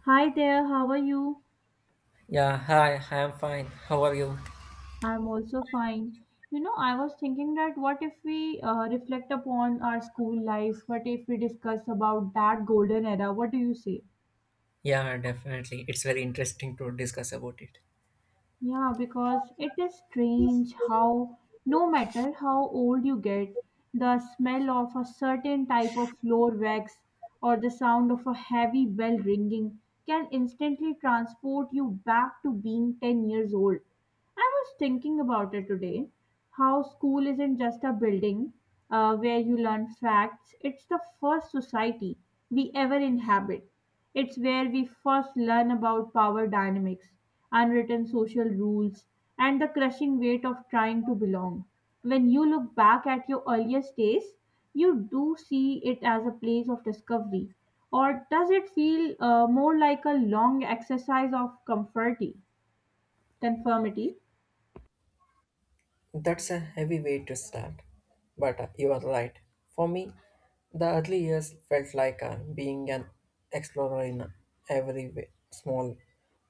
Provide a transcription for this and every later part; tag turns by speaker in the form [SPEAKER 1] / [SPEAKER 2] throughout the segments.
[SPEAKER 1] Hi there, how are you?
[SPEAKER 2] Yeah, hi, I'm fine. How are you?
[SPEAKER 1] I'm also fine. You know, I was thinking that what if we reflect upon our school lives? What if we discuss about that golden era? What do you say?
[SPEAKER 2] Yeah, definitely. It's very interesting to discuss about it.
[SPEAKER 1] Yeah, because it is strange how, no matter how old you get, the smell of a certain type of floor wax or the sound of a heavy bell ringing can instantly transport you back to being 10 years old. I was thinking about it today how school isn't just a building where you learn facts, it's the first society we ever inhabit. It's where we first learn about power dynamics, unwritten social rules, and the crushing weight of trying to belong. When you look back at your earliest days, you do see it as a place of discovery. Or does it feel more like a long exercise of conformity?
[SPEAKER 2] That's a heavy way to start. But you are right. For me, the early years felt like being an explorer in every way, small,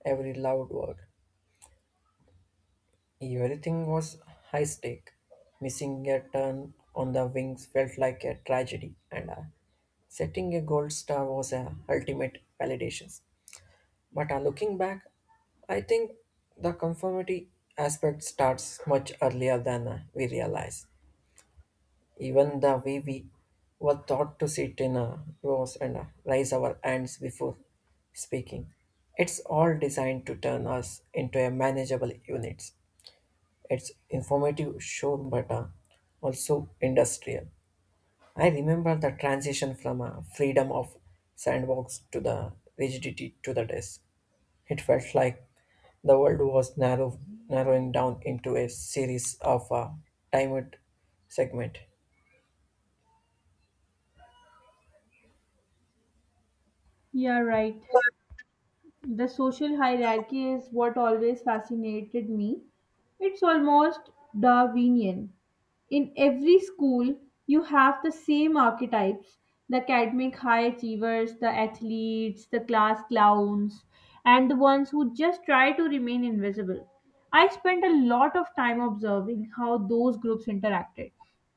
[SPEAKER 2] every loud word. Everything was high stake. Missing a turn on the wings felt like a tragedy, and setting a gold star was a ultimate validation. But looking back, I think the conformity aspect starts much earlier than we realize. Even the way we were taught to sit in rows and raise our hands before speaking, it's all designed to turn us into a manageable units. It's informative, sure, but also industrial. I remember the transition from a freedom of sandbox to the rigidity to the desk, it felt like the world was narrowing down into a series of timed segments.
[SPEAKER 1] Yeah, right. The social hierarchy is what always fascinated me. It's almost Darwinian. In every school, you have the same archetypes, the academic high achievers, the athletes, the class clowns, and the ones who just try to remain invisible. I spent a lot of time observing how those groups interacted.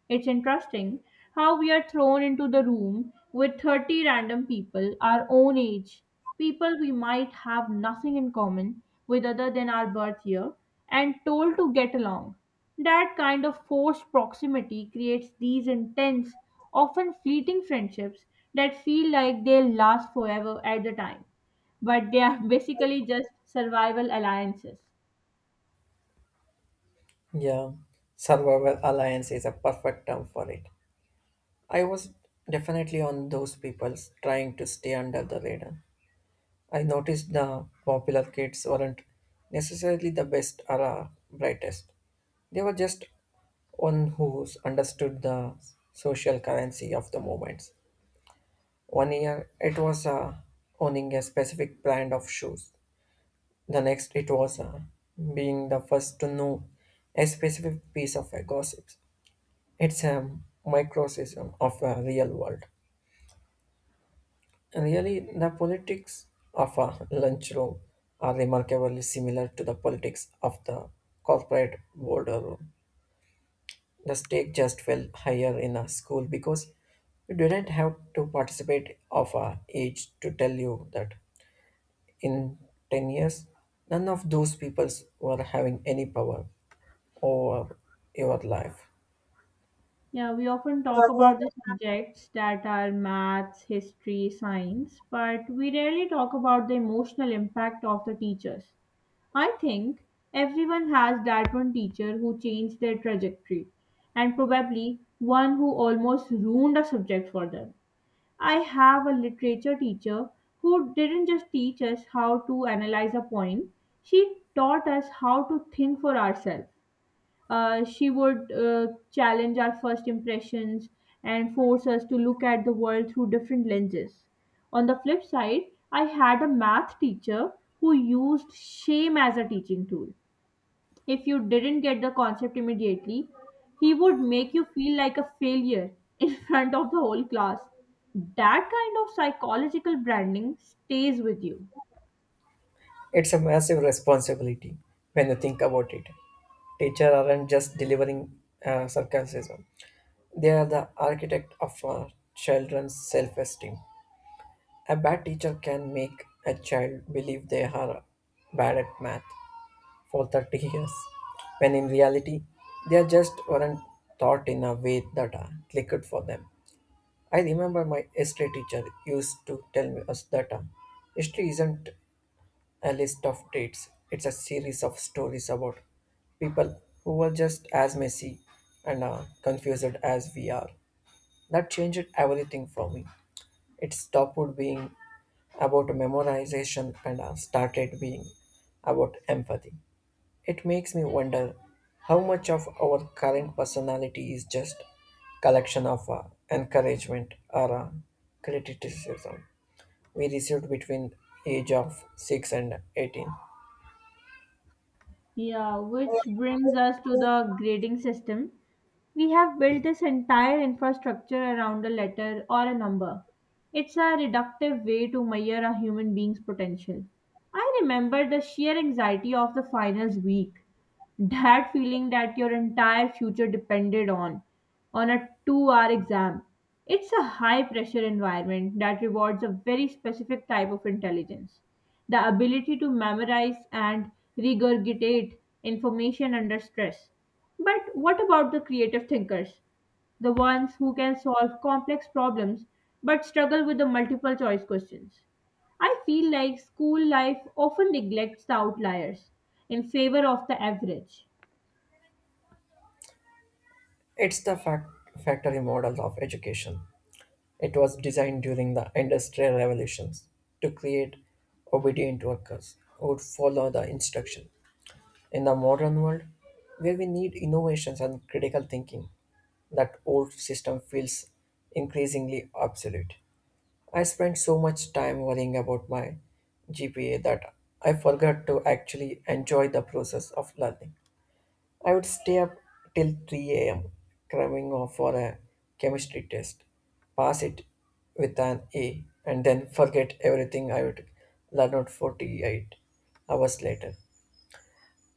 [SPEAKER 1] It's interesting how we are thrown into the room with 30 random people our own age, people we might have nothing in common with other than our birth year, and told to get along. That kind of forced proximity creates these intense, often fleeting friendships that feel like they'll last forever at the time, but they are basically just survival alliances.
[SPEAKER 2] Yeah, survival alliance is a perfect term for it. I was definitely on those people trying to stay under the radar. I noticed the popular kids weren't necessarily the best or brightest. They were just one who understood the social currency of the moment. One year it was owning a specific brand of shoes. The next it was being the first to know a specific piece of a gossip. It's a microcosm of a real world. Really, the politics of a lunchroom are remarkably similar to the politics of the corporate boardroom. The stake just felt higher in a school because you didn't have to participate of a age to tell you that in 10 years, none of those peoples were having any power over your life.
[SPEAKER 1] Yeah, we often talk about the subjects that are maths, history, science, but we rarely talk about the emotional impact of the teachers. I think everyone has that one teacher who changed their trajectory, and probably one who almost ruined a subject for them. I have a literature teacher who didn't just teach us how to analyze a poem, she taught us how to think for ourselves. She would challenge our first impressions and force us to look at the world through different lenses. On the flip side, I had a math teacher who used shame as a teaching tool. If you didn't get the concept immediately, he would make you feel like a failure in front of the whole class. That kind of psychological branding stays with you.
[SPEAKER 2] It's a massive responsibility when you think about it. Teachers aren't just delivering sarcasm, they are the architect of our children's self esteem. A bad teacher can make a child believe they are bad at math for 30 years, when in reality, they are just weren't taught in a way that clicked for them. I remember my history teacher used to tell me us that history isn't a list of dates, it's a series of stories about people who were just as messy and confused as we are. That changed everything for me. It stopped being about memorization and started being about empathy. It makes me wonder how much of our current personality is just collection of encouragement or criticism we received between age of 6 and 18.
[SPEAKER 1] Yeah, which brings us to the grading system. We have built this entire infrastructure around a letter or a number. It's a reductive way to measure a human being's potential. I remember the sheer anxiety of the finals week, that feeling that your entire future depended on a 2-hour exam. It's a high pressure environment that rewards a very specific type of intelligence, the ability to memorize and regurgitate information under stress. But what about the creative thinkers, the ones who can solve complex problems but struggle with the multiple choice questions? I feel like school life often neglects the outliers in favor of the average.
[SPEAKER 2] It's the factory model of education. It was designed during the industrial revolutions to create obedient workers who would follow the instruction. In the modern world, where we need innovations and critical thinking, that old system feels increasingly obsolete. I spent so much time worrying about my GPA that I forgot to actually enjoy the process of learning. I would stay up till 3 a.m. cramming off for a chemistry test, pass it with an A, and then forget everything I would learn out 48 hours later.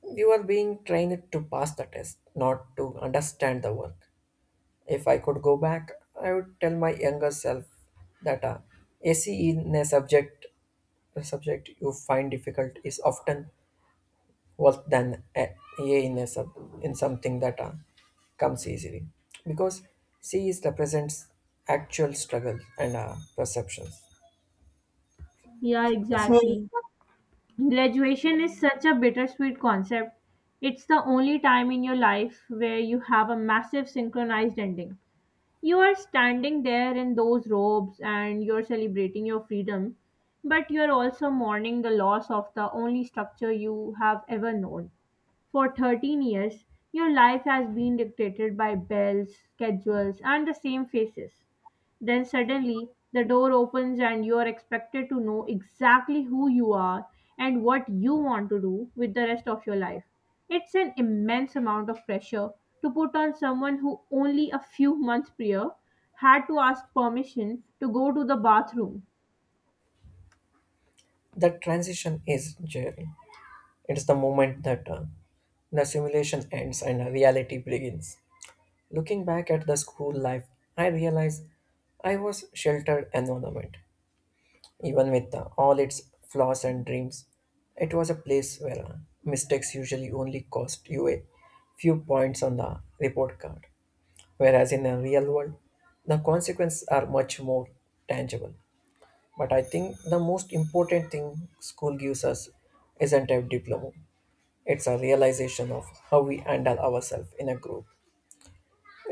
[SPEAKER 2] You are being trained to pass the test, not to understand the work. If I could go back, I would tell my younger self that AC in a subject you find difficult is often worse than a A in something that comes easily, because C is represents actual struggle and perceptions.
[SPEAKER 1] Yeah,
[SPEAKER 2] Perception.
[SPEAKER 1] exactly. Graduation is such a bittersweet concept. It's the only time in your life where you have a massive synchronized ending. You are standing there in those robes and you're celebrating your freedom, but you're also mourning the loss of the only structure you have ever known. For 13 years, your life has been dictated by bells, schedules, and the same faces. Then suddenly, the door opens and you are expected to know exactly who you are and what you want to do with the rest of your life. It's an immense amount of pressure to put on someone who only a few months prior had to ask permission to go to the bathroom.
[SPEAKER 2] That transition is journey. It's the moment that the simulation ends and reality begins. Looking back at the school life, I realize I was sheltered environment. Even with all its flaws and dreams, it was a place where mistakes usually only cost you a few points on the report card. Whereas in the real world, the consequences are much more tangible. But I think the most important thing school gives us isn't a diploma. It's a realization of how we handle ourselves in a group.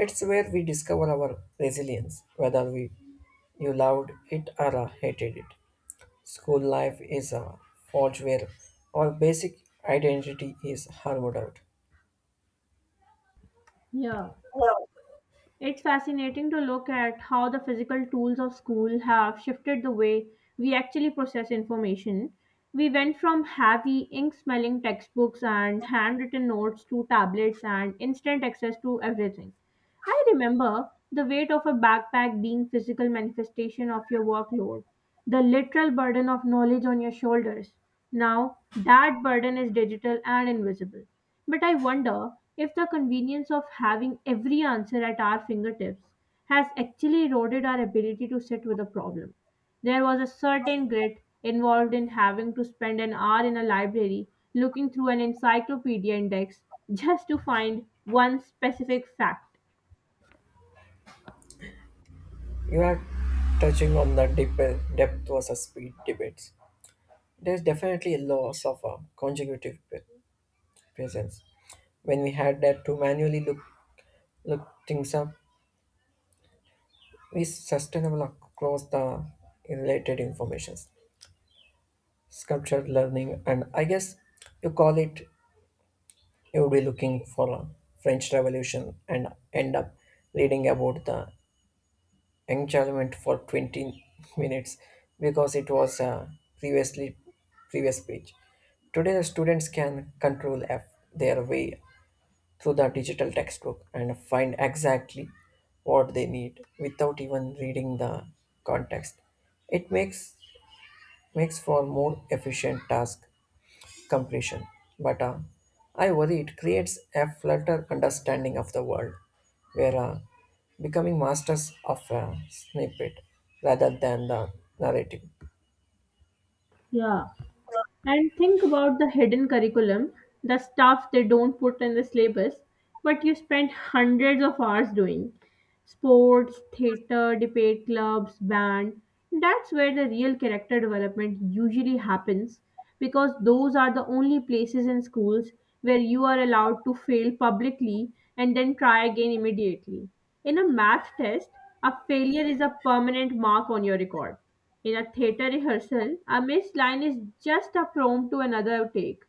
[SPEAKER 2] It's where we discover our resilience, whether we you loved it or hated it. School life is a forge where our basic identity is hammered out.
[SPEAKER 1] Yeah. It's fascinating to look at how the physical tools of school have shifted the way we actually process information. We went from heavy, ink smelling textbooks and handwritten notes to tablets and instant access to everything. I remember the weight of a backpack being physical manifestation of your workload, the literal burden of knowledge on your shoulders. Now, that burden is digital and invisible. But I wonder if the convenience of having every answer at our fingertips has actually eroded our ability to sit with a problem. There was a certain grit involved in having to spend an hour in a library looking through an encyclopedia index just to find one specific fact.
[SPEAKER 2] You are touching on the depth versus speed debates. There's definitely a loss of a consecutive presence. When we had that to manually look things up, we sustainable across the related informations. Sculptured learning, and I guess you call it, you'll be looking for a French Revolution and end up reading about the Enchantment for 20 minutes because it was a previously previous page. Today, the students can control F their way through the digital textbook and find exactly what they need without even reading the context. It makes for more efficient task completion, but I worry it creates a flutter understanding of the world, where becoming masters of a snippet rather than the narrative.
[SPEAKER 1] Yeah. And think about the hidden curriculum, the stuff they don't put in the syllabus, but you spend hundreds of hours doing. Sports, theatre, debate clubs, band. That's where the real character development usually happens because those are the only places in schools where you are allowed to fail publicly and then try again immediately. In a math test, a failure is a permanent mark on your record. In a theatre rehearsal, a missed line is just a prompt to another take.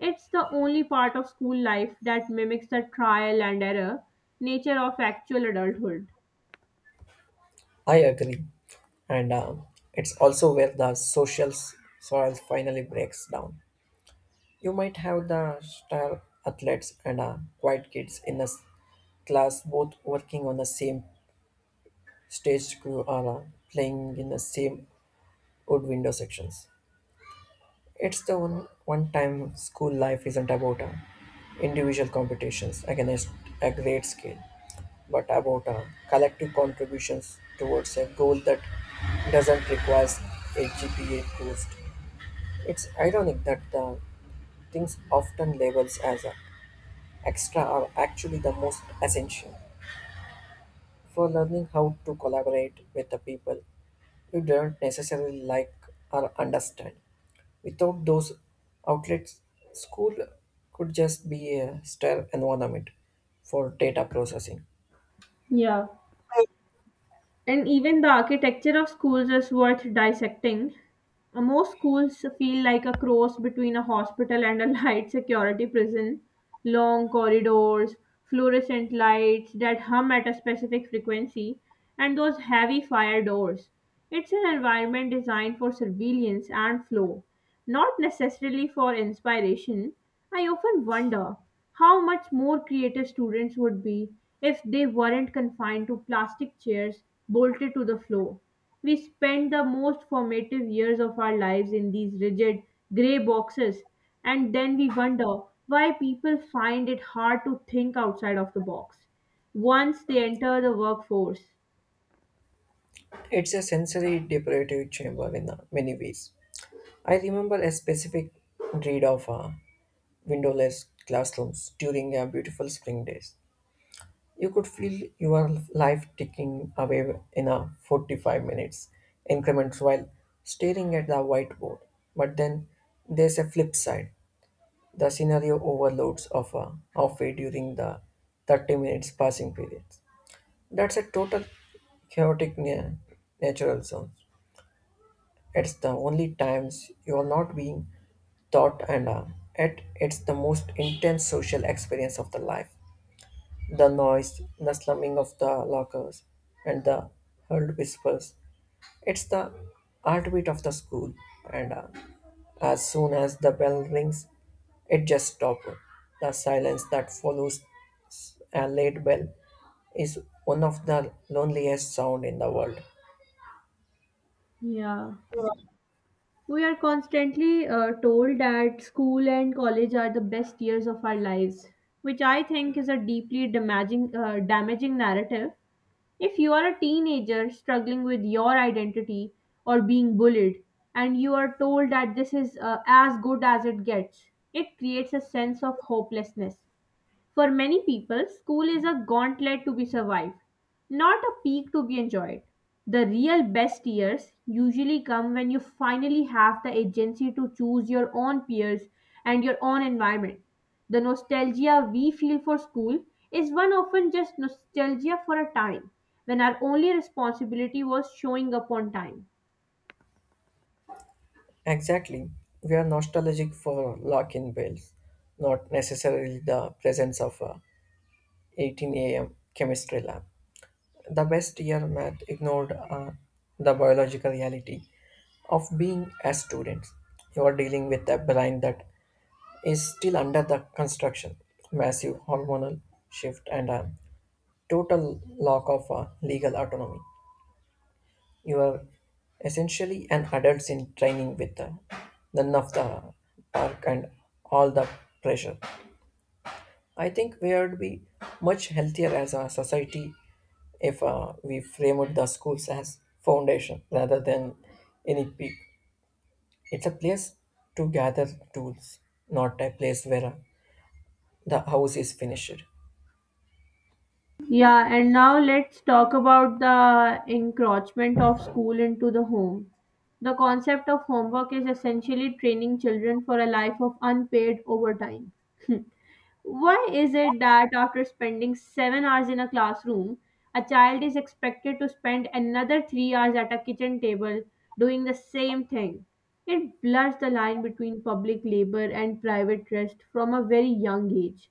[SPEAKER 1] It's the only part of school life that mimics the trial and error nature of actual adulthood.
[SPEAKER 2] I agree, and it's also where the social soil finally breaks down. You might have the star athletes and quiet kids in a class both working on the same stage crew or playing in the same wood window sections. It's the one time school life isn't about individual competitions against a great scale, but about collective contributions towards a goal that doesn't require a GPA boost. It's ironic that the things often labeled as extra are actually the most essential, for learning how to collaborate with the people you don't necessarily like or understand. Without those outlets, school could just be a sterile environment for data processing.
[SPEAKER 1] Yeah. And even the architecture of schools is worth dissecting. Most schools feel like a cross between a hospital and a light security prison. Long corridors, fluorescent lights that hum at a specific frequency, and those heavy fire doors. It's an environment designed for surveillance and flow, not necessarily for inspiration. I often wonder how much more creative students would be if they weren't confined to plastic chairs bolted to the floor. We spend the most formative years of our lives in these rigid, grey boxes, and then we wonder why people find it hard to think outside of the box once they enter the workforce.
[SPEAKER 2] It's a sensory deprivative chamber in many ways. I remember a specific read of windowless classrooms during a beautiful spring days. You could feel your life ticking away in a 45 minutes increments while staring at the whiteboard. But then there's a flip side. The scenario overloads of a halfway during the 30 minutes passing periods. That's a total chaotic natural zone. It's the only times you are not being taught, and yet it's the most intense social experience of the life. The noise, the slumming of the lockers, and the hurled whispers. It's the heartbeat of the school, and as soon as the bell rings, it just stops. The silence that follows a late bell is one of the loneliest sound in the world.
[SPEAKER 1] Yeah. We are constantly told that school and college are the best years of our lives, which I think is a deeply damaging narrative. If you are a teenager struggling with your identity or being bullied, and you are told that this is as good as it gets, it creates a sense of hopelessness. For many people, school is a gauntlet to be survived, not a peak to be enjoyed. The real best years usually come when you finally have the agency to choose your own peers and your own environment. The nostalgia we feel for school is one often just nostalgia for a time when our only responsibility was showing up on time.
[SPEAKER 2] Exactly. We are nostalgic for lock-in bells, not necessarily the presence of a 18 a.m. chemistry lab. The best year math ignored the biological reality of being a student. You are dealing with a brain that is still under the construction, massive hormonal shift, and a total lack of legal autonomy. You are essentially an adult in training with none of the dark and all the pressure. I think we would be much healthier as a society if we framed the schools as foundation rather than any peak. It's a place to gather tools, not a place where the house is finished.
[SPEAKER 1] Yeah, and now let's talk about the encroachment of school into the home. The concept of homework is essentially training children for a life of unpaid overtime. Why is it that after spending 7 hours in a classroom, a child is expected to spend another 3 hours at a kitchen table doing the same thing? It blurs the line between public labor and private rest from a very young age.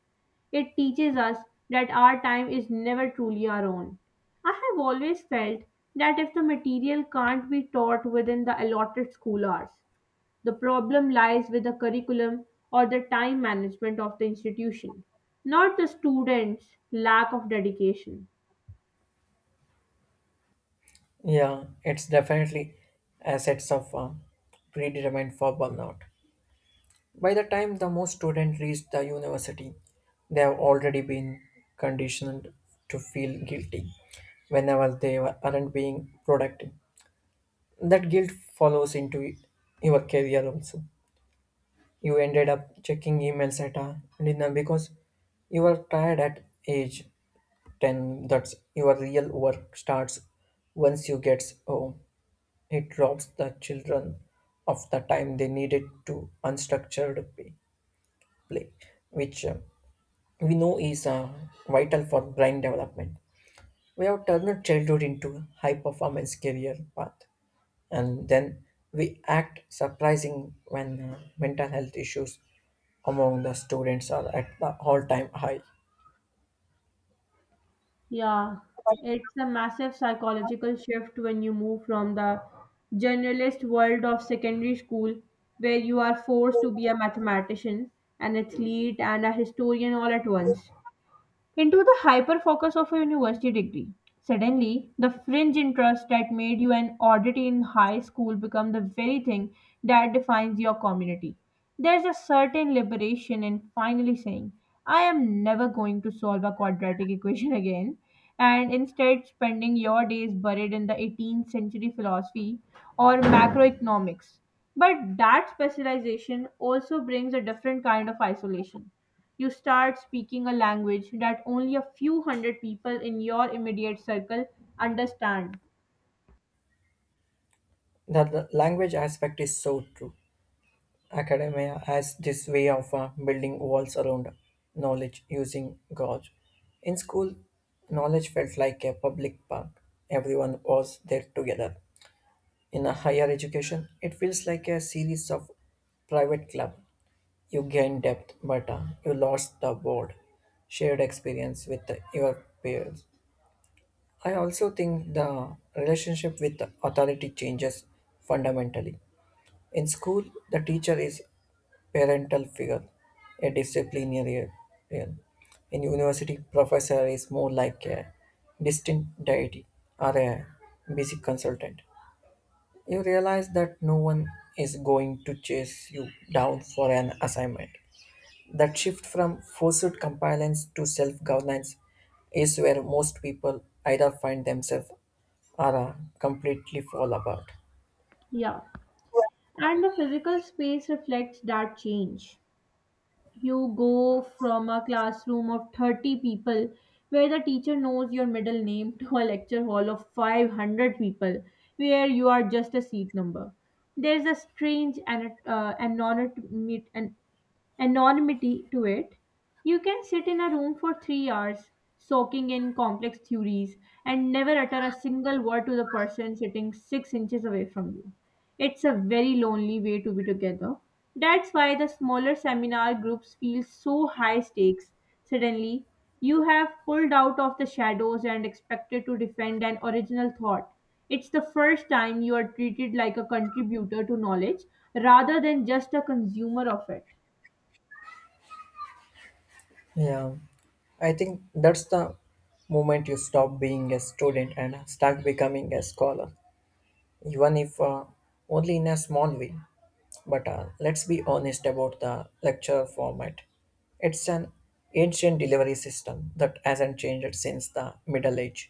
[SPEAKER 1] It teaches us that our time is never truly our own. I have always felt that if the material can't be taught within the allotted school hours, the problem lies with the curriculum or the time management of the institution, not the students' lack of dedication.
[SPEAKER 2] Yeah, it's definitely assets of predetermined for burnout. By the time the most students reach the university, they have already been conditioned to feel guilty whenever they aren't being productive. That guilt follows into your career also. You ended up checking emails at a dinner because you were tired at age 10. That's your real work starts once you get home. It robs the children of the time they needed to unstructured play, which we know is vital for brain development. We have turned childhood into a high performance career path, and then we act surprising when mental health issues among the students are at the all-time high.
[SPEAKER 1] Yeah, it's a massive psychological shift when you move from the generalist world of secondary school, where you are forced to be a mathematician, an athlete, and a historian all at once, into the hyper focus of a university degree. Suddenly, the fringe interest that made you an oddity in high school become the very thing that defines your community. There's a certain liberation in finally saying, I am never going to solve a quadratic equation again, and instead spending your days buried in the 18th century philosophy or macroeconomics. But that specialization also brings a different kind of isolation. You start speaking a language that only a few hundred people in your immediate circle understand.
[SPEAKER 2] The language aspect is so true. Academia has this way of building walls around knowledge using gauge. In school, knowledge felt like a public park. Everyone was there together. In a higher education, it feels like a series of private club. You gain depth, but you lost the board, shared experience with your peers. I also think the relationship with authority changes fundamentally. In school, the teacher is parental figure, a disciplinarian. In university, professor is more like a distant deity or a basic consultant. You realize that no one is going to chase you down for an assignment. That shift from forced compliance to self governance is where most people either find themselves or completely fall apart.
[SPEAKER 1] Yeah. And the physical space reflects that change. You go from a classroom of 30 people where the teacher knows your middle name to a lecture hall of 500 people where you are just a seat number. There's a strange an anonymity to it. You can sit in a room for 3 hours, soaking in complex theories, and never utter a single word to the person sitting 6 inches away from you. It's a very lonely way to be together. That's why the smaller seminar groups feel so high stakes. Suddenly, you have pulled out of the shadows and expected to defend an original thought. It's the first time you are treated like a contributor to knowledge rather than just a consumer of it.
[SPEAKER 2] Yeah, I think that's the moment you stop being a student and start becoming a scholar, even if only in a small way. But let's be honest about the lecture format. It's an ancient delivery system that hasn't changed since the Middle Age.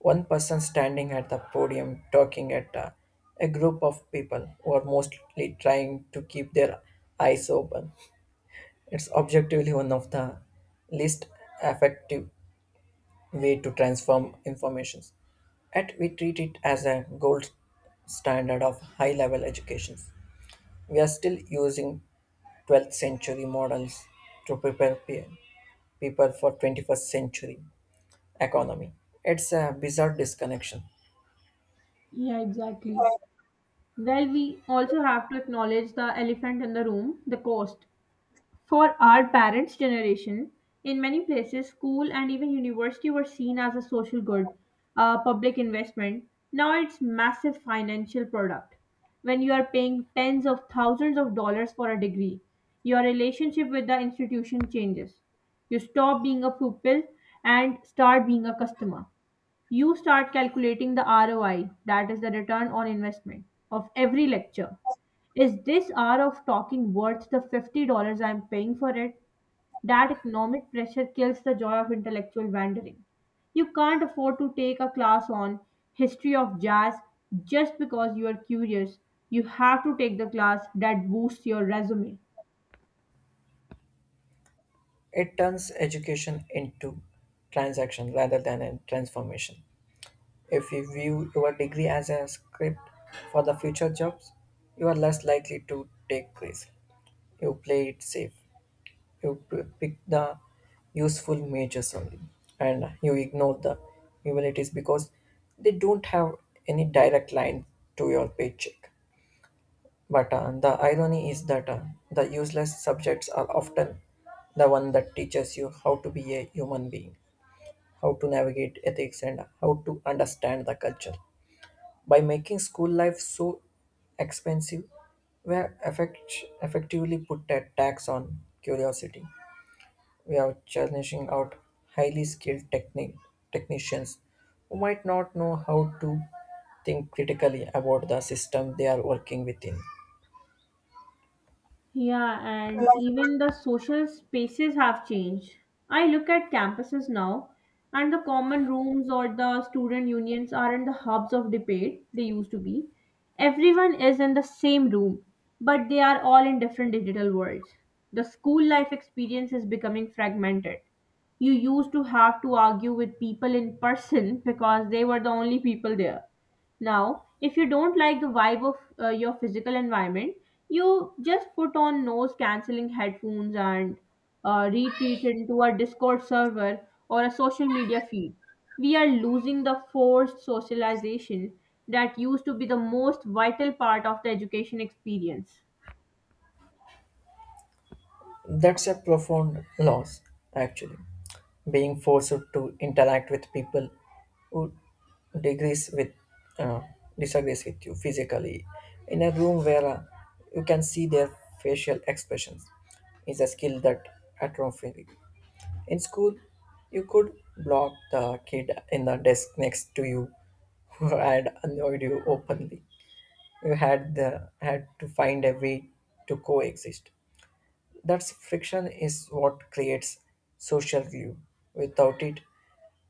[SPEAKER 2] One person standing at the podium talking at a group of people who are mostly trying to keep their eyes open. It's objectively one of the least effective way to transform informations. Yet we treat it as a gold standard of high level education. We are still using 12th century models to prepare people for 21st century economy. It's a bizarre disconnection.
[SPEAKER 1] Yeah, exactly. Well, we also have to acknowledge the elephant in the room, the cost. For our parents' generation, in many places, school and even university were seen as a social good, a public investment. Now it's massive financial product. When you are paying tens of thousands of dollars for a degree, your relationship with the institution changes. You stop being a pupil and start being a customer. You start calculating the ROI, that is the return on investment, of every lecture. Is this hour of talking worth the $50 I'm paying for it? That economic pressure kills the joy of intellectual wandering. You can't afford to take a class on history of jazz just because you are curious. You have to take the class that boosts your resume.
[SPEAKER 2] It turns education into transaction rather than a transformation. If you view your degree as a script for the future jobs, you are less likely to take risk. You play it safe. You pick the useful majors only, and you ignore the humanities because they don't have any direct line to your paycheck. But the irony is that the useless subjects are often the one that teaches you how to be a human being, how to navigate ethics, and how to understand the culture. By making school life so expensive, we are effectively put a tax on curiosity. We are challenging out highly skilled technicians who might not know how to think critically about the system they are working within.
[SPEAKER 1] Yeah, and even the social spaces have changed. I look at campuses now, and the common rooms or the student unions aren't the hubs of debate they used to be. Everyone is in the same room, but they are all in different digital worlds. The school life experience is becoming fragmented. You used to have to argue with people in person because they were the only people there. Now, if you don't like the vibe of your physical environment, you just put on noise cancelling headphones and retreat into a Discord server or a social media feed. We are losing the forced socialization that used to be the most vital part of the education experience.
[SPEAKER 2] That's a profound loss, actually. Being forced to interact with people who degrees with uh, disagrees with you physically in a room where you can see their facial expressions is a skill that atrophy. In school, you could block the kid in the desk next to you who had annoyed you openly. You had to find a way to coexist. That friction is what creates social glue. Without it,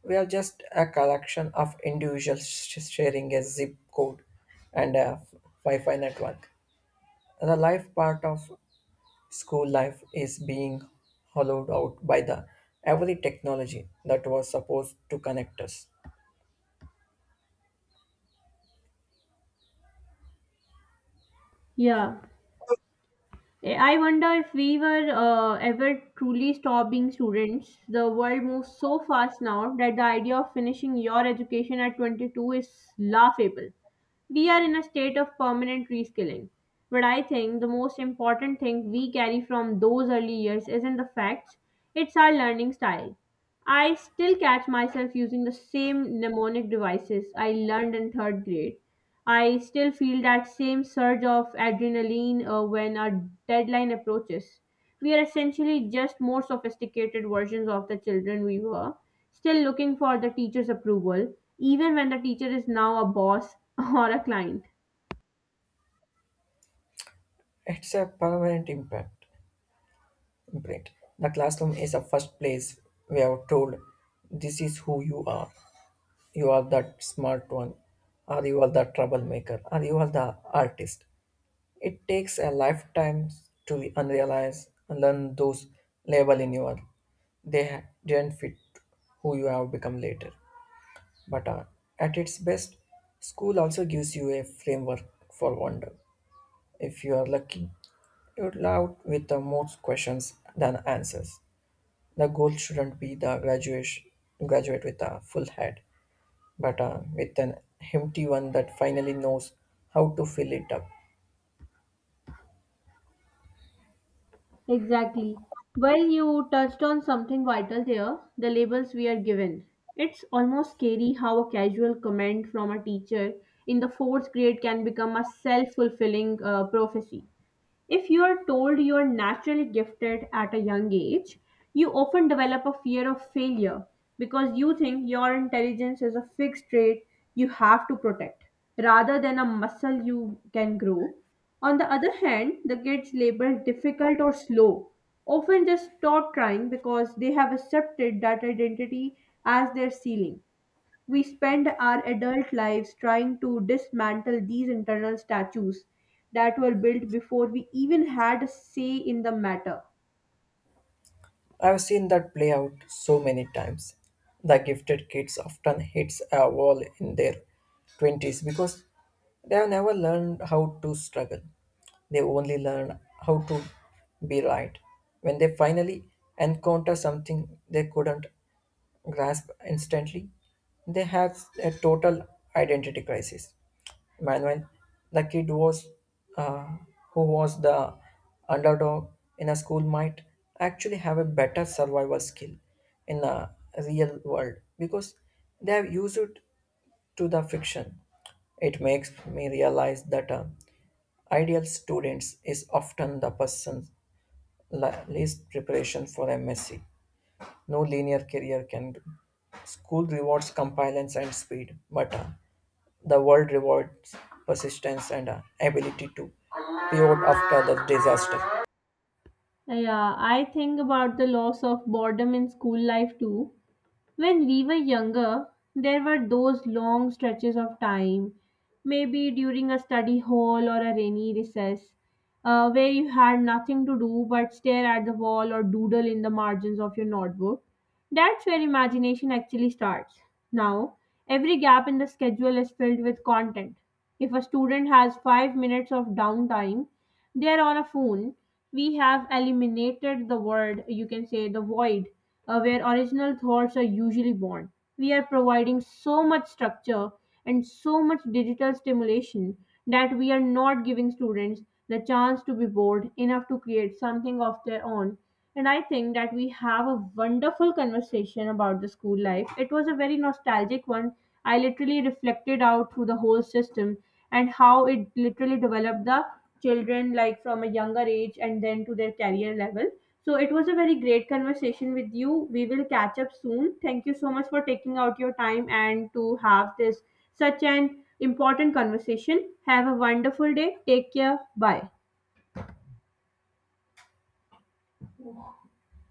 [SPEAKER 2] we are just a collection of individuals sharing a zip code and a Wi-Fi network. The life part of school life is being hollowed out by the every technology that was supposed to connect us.
[SPEAKER 1] Yeah. I wonder if we were ever truly stop being students. The world moves so fast now that the idea of finishing your education at 22 is laughable. We are in a state of permanent reskilling. But I think the most important thing we carry from those early years isn't the facts, it's our learning style. I still catch myself using the same mnemonic devices I learned in third grade. I still feel that same surge of adrenaline when our deadline approaches. We are essentially just more sophisticated versions of the children we were, still looking for the teacher's approval, even when the teacher is now a boss or a client.
[SPEAKER 2] It's a permanent impact. Imprint. The classroom is the first place we are told this is who you are. You are that smart one, or you are the troublemaker, or you are the artist. It takes a lifetime to unrealize and learn those label in your. They didn't fit who you have become later. But at its best, school also gives you a framework for wonder. If you are lucky, you will out with the most questions than answers. The goal shouldn't be the graduate with a full head, but with an empty one that finally knows how to fill it up.
[SPEAKER 1] Exactly. Well, you touched on something vital there the labels we are given. It's almost scary how a casual comment from a teacher in the fourth grade can become a self fulfilling prophecy. If you are told you are naturally gifted at a young age, you often develop a fear of failure because you think your intelligence is a fixed trait you have to protect rather than a muscle you can grow. On the other hand, the kids labeled difficult or slow often just stop trying because they have accepted that identity as their ceiling. We spend our adult lives trying to dismantle these internal statues that were built before we even had a say in the matter.
[SPEAKER 2] I've seen that play out so many times. The gifted kids often hits a wall in their 20s because they have never learned how to struggle. They only learn how to be right. When they finally encounter something they couldn't grasp instantly, they have a total identity crisis. Manuel, the kid was uh, who was the underdog in a school, might actually have a better survival skill in the real world because they have used it to the fiction. It makes me realize that ideal students is often the person least preparation for MSc no linear career can do. School rewards compliance and speed, but the world rewards persistence and ability to pivot after the disaster.
[SPEAKER 1] Yeah, I think about the loss of boredom in school life too. When we were younger, there were those long stretches of time, maybe during a study hall or a rainy recess, where you had nothing to do but stare at the wall or doodle in the margins of your notebook. That's where imagination actually starts. Now, every gap in the schedule is filled with content. If a student has 5 minutes of downtime, they are on a phone. We have eliminated the word, you can say the void, where original thoughts are usually born. We are providing so much structure and so much digital stimulation that we are not giving students the chance to be bored enough to create something of their own, and I think that we have a wonderful conversation about the school life. It was a very nostalgic one. I literally reflected out through the whole system and how it literally developed the children like from a younger age and then to their career level. So it was a very great conversation with you. We will catch up soon. Thank you so much for taking out your time and to have this such an important conversation. Have a wonderful day. Take care. Bye.